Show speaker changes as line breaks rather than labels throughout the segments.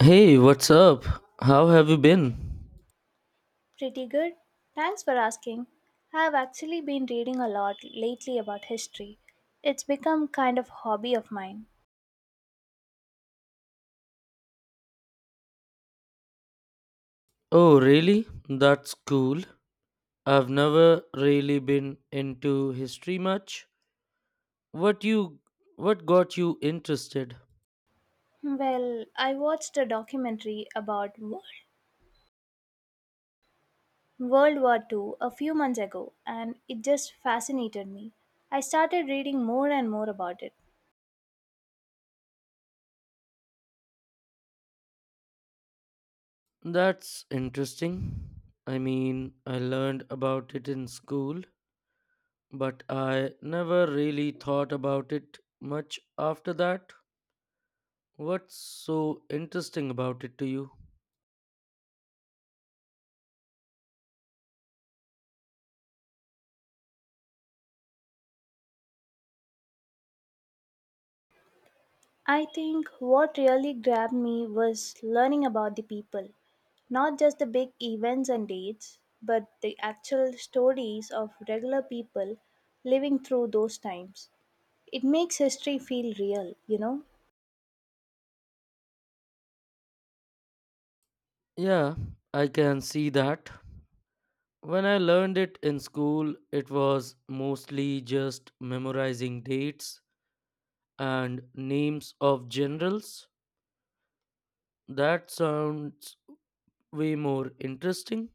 Hey, what's up? How have you been?
Pretty good. Thanks for asking. I've actually been reading a lot lately about history. It's become kind of hobby of mine.
Oh, really? That's cool. I've never really been into history much. What you what got you interested?
Well, I watched a documentary about World War II a few months ago and it just fascinated me. I started reading more and more about it.
That's interesting. I mean, I learned about it in school, but I never really thought about it much after that. What's so interesting about it to you?
I think what really grabbed me was learning about the people. Not just the big events and dates, but the actual stories of regular people living through those times. It makes history feel real, you know?
Yeah, I can see that. When I learned it in school, it was mostly just memorizing dates and names of generals. That sounds way more interesting.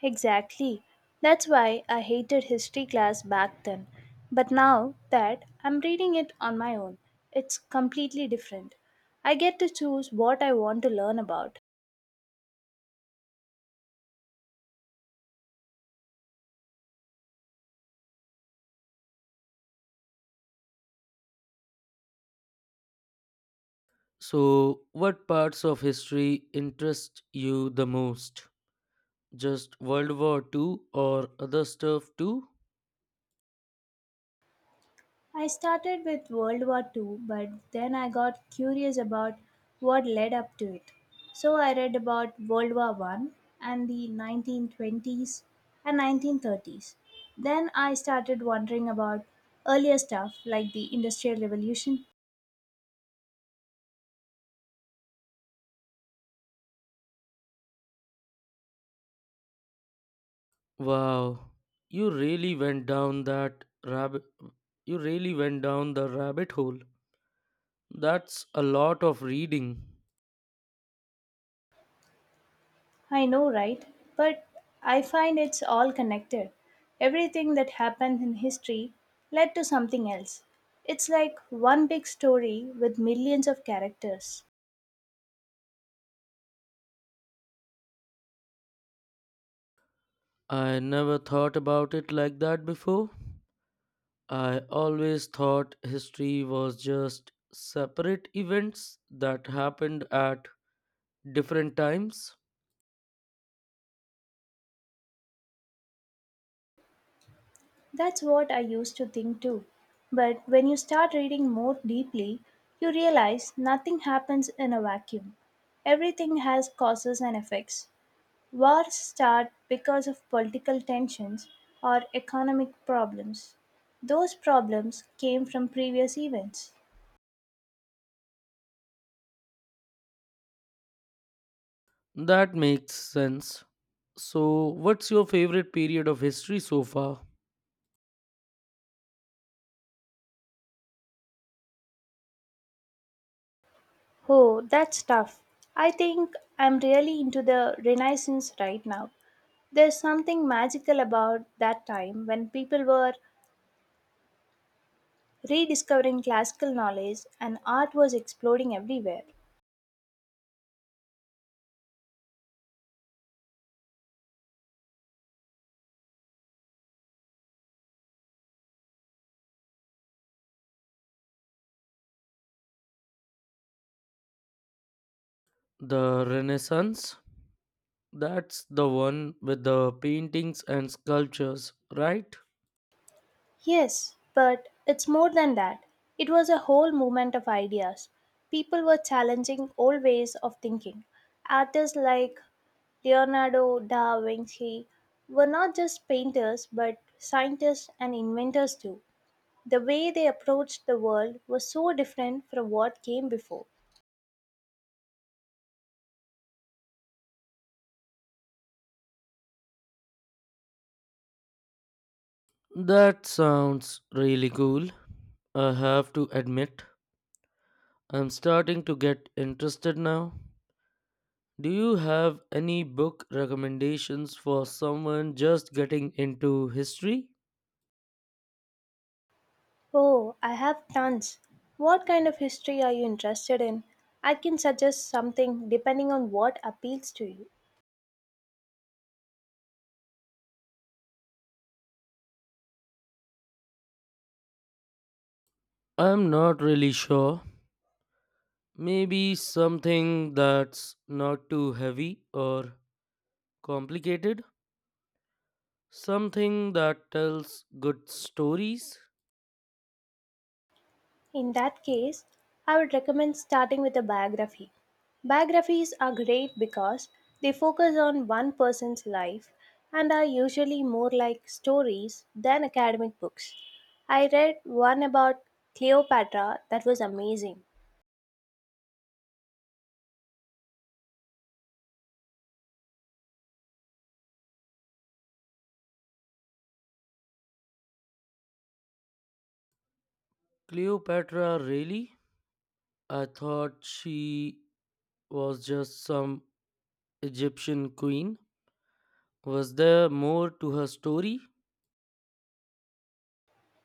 Exactly. That's why I hated history class back then. But now that I'm reading it on my own, it's completely different. I get to choose what I want to learn about.
So, what parts of history interest you the most? Just World War Two or other stuff too?
I started with World War Two, but then I got curious about what led up to it. So I read about World War One and the 1920s and 1930s. Then I started wondering about earlier stuff like the Industrial Revolution.
Wow, you really went down that rabbit. You really went down the rabbit hole. That's a lot of reading.
I know, right? But I find it's all connected. Everything that happened in history led to something else. It's like one big story with millions of characters.
I never thought about it like that before. I always thought history was just separate events that happened at different times.
That's what I used to think too. But when you start reading more deeply, you realize nothing happens in a vacuum. Everything has causes and effects. Wars start because of political tensions or economic problems. Those problems came from previous events.
That makes sense. So, what's your favorite period of history so far?
Oh, that's tough. I think I'm really into the Renaissance right now. There's something magical about that time when people were rediscovering classical knowledge, and art was exploding everywhere.
The Renaissance? That's the one with the paintings and sculptures, right?
Yes, but it's more than that. It was a whole movement of ideas. People were challenging old ways of thinking. Artists like Leonardo da Vinci were not just painters but scientists and inventors too. The way they approached the world was so different from what came before.
That sounds really cool. I have to admit, I'm starting to get interested now. Do you have any book recommendations for someone just getting into history?
Oh, I have tons. What kind of history are you interested in? I can suggest something depending on what appeals to you.
I'm not really sure. Maybe something that's not too heavy or complicated. Something that tells good stories.
In that case, I would recommend starting with a biography. Biographies are great because they focus on one person's life and are usually more like stories than academic books. I read one about Cleopatra that was amazing.
Cleopatra, really? I thought she was just some Egyptian queen. Was there more to her story?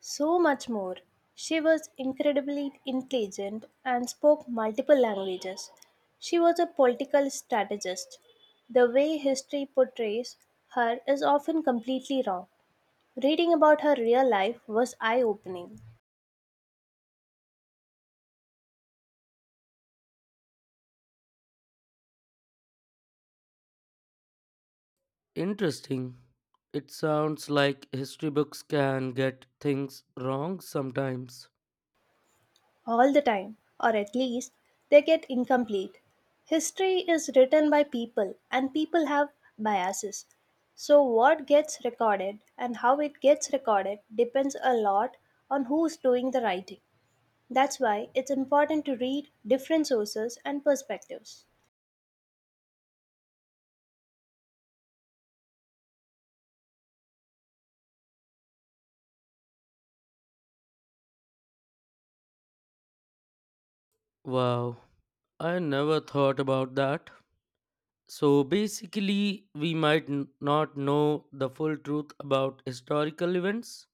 So much more. She was incredibly intelligent and spoke multiple languages. She was a political strategist. The way history portrays her is often completely wrong. Reading about her real life was eye opening
Interesting. It sounds like history books can get things wrong sometimes.
all the time, or at least they get incomplete. History is written by people, and people have biases. So, what gets recorded and how it gets recorded depends a lot on who's doing the writing. That's why it's important to read different sources and perspectives.
Wow, I never thought about that. So basically, we might not know the full truth about historical events.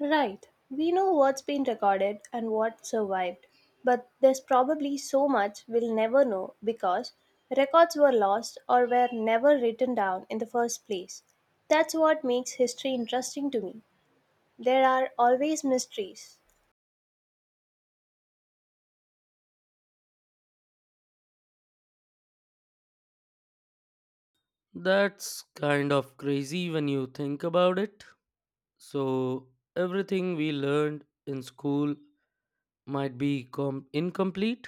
Right, we know what's been recorded and what survived, but there's probably so much we'll never know because records were lost or were never written down in the first place. That's what makes history interesting to me. There are always mysteries.
That's kind of crazy when you think about it. So, everything we learned in school might be incomplete.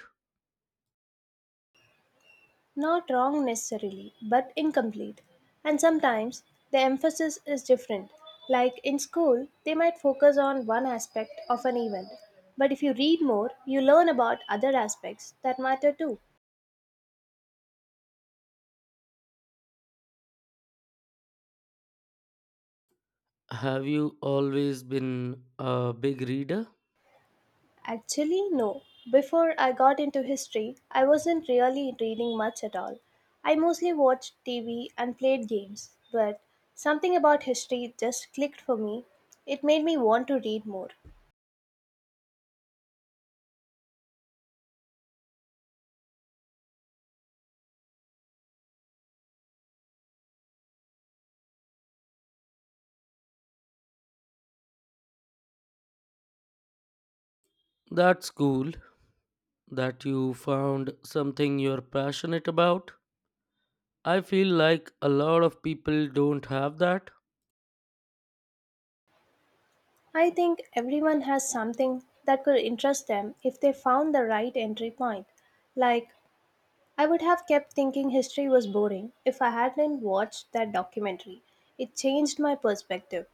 Not wrong necessarily, but incomplete. And sometimes the emphasis is different. Like in school, they might focus on one aspect of an event, but if you read more, you learn about other aspects that matter too.
Have you always been a big reader?
Actually, no. Before I got into history, I wasn't really reading much at all. I mostly watched TV and played games, but something about history just clicked for me. It made me want to read more.
That's cool that you found something you're passionate about. I feel like a lot of people don't have that.
I think everyone has something that could interest them if they found the right entry point. Like, I would have kept thinking history was boring if I hadn't watched that documentary. It changed my perspective.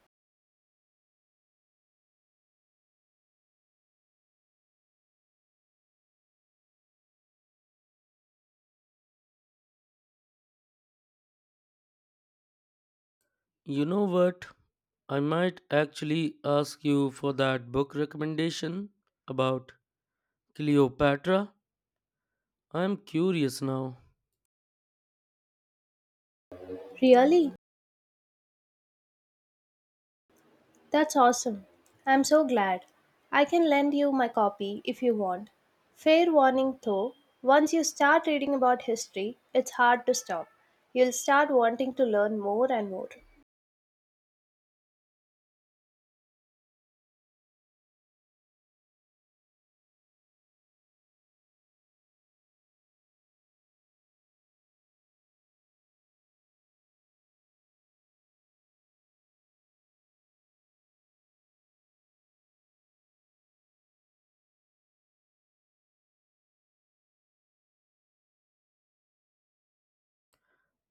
You know what? I might actually ask you for that book recommendation about Cleopatra. I'm curious now.
Really? That's awesome. I'm so glad. I can lend you my copy if you want. Fair warning though, once you start reading about history, it's hard to stop. You'll start wanting to learn more and more.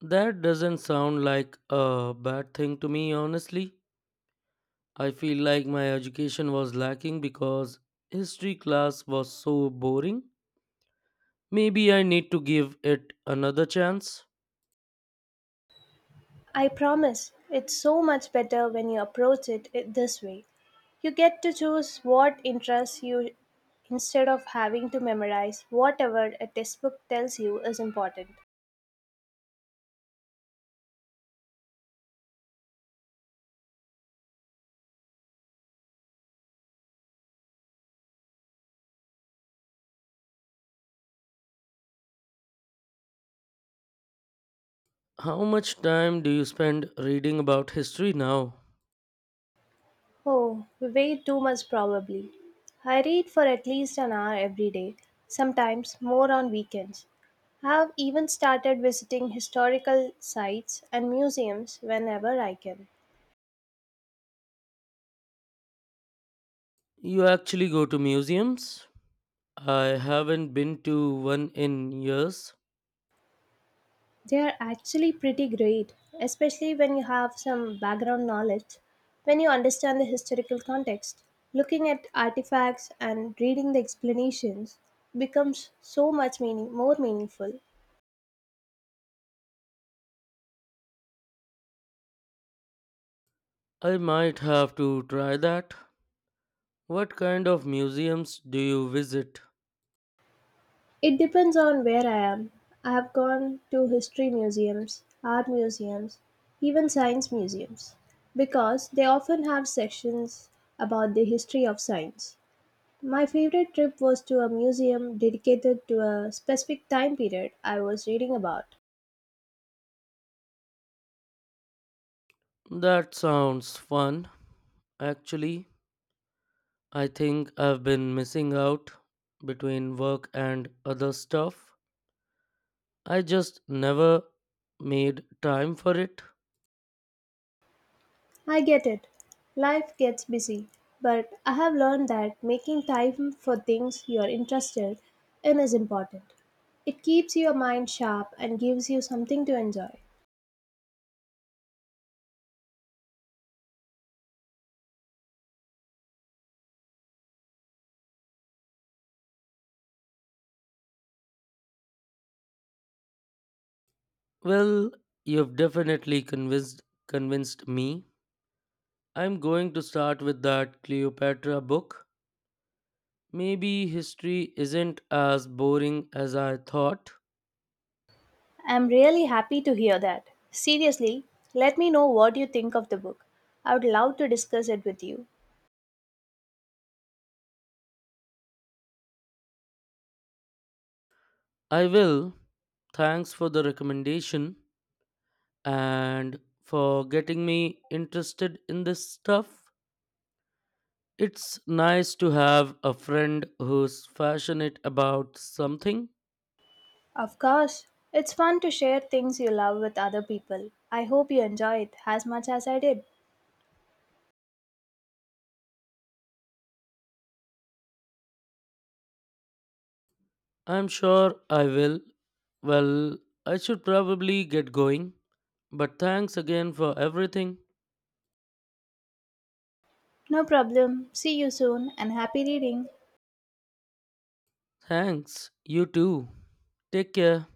That doesn't sound like a bad thing to me, honestly. I feel like my education was lacking because history class was so boring. Maybe I need to give it another chance.
I promise. It's so much better when you approach it this way. You get to choose what interests you instead of having to memorize whatever a textbook tells you is important.
How much time do you spend reading about history now?
Oh, way too much probably. I read for at least an hour every day, sometimes more on weekends. I've even started visiting historical sites and museums whenever I can.
You actually go to museums? I haven't been to one in years.
They are actually pretty great, especially when you have some background knowledge, when you understand the historical context. Looking at artifacts and reading the explanations becomes so much more meaningful.
I might have to try that. What kind of museums do you visit?
It depends on where I am. I have gone to history museums, art museums, even science museums, because they often have sections about the history of science. My favorite trip was to a museum dedicated to a specific time period I was reading about.
That sounds fun. Actually, I think I've been missing out between work and other stuff. I just never made time for it.
I get it. Life gets busy, but I have learned that making time for things you are interested in is important. It keeps your mind sharp and gives you something to enjoy.
Well, you've definitely convinced convinced me. I'm going to start with that Cleopatra book. Maybe history isn't as boring as I thought.
I'm really happy to hear that. Seriously, let me know what you think of the book. I would love to discuss it with you.
I will. Thanks for the recommendation and for getting me interested in this stuff. It's nice to have a friend who's passionate about something.
Of course, it's fun to share things you love with other people. I hope you enjoy it as much as I did.
I'm sure I will. Well, I should probably get going, but thanks again for everything.
No problem. See you soon and happy reading.
Thanks. You too. Take care.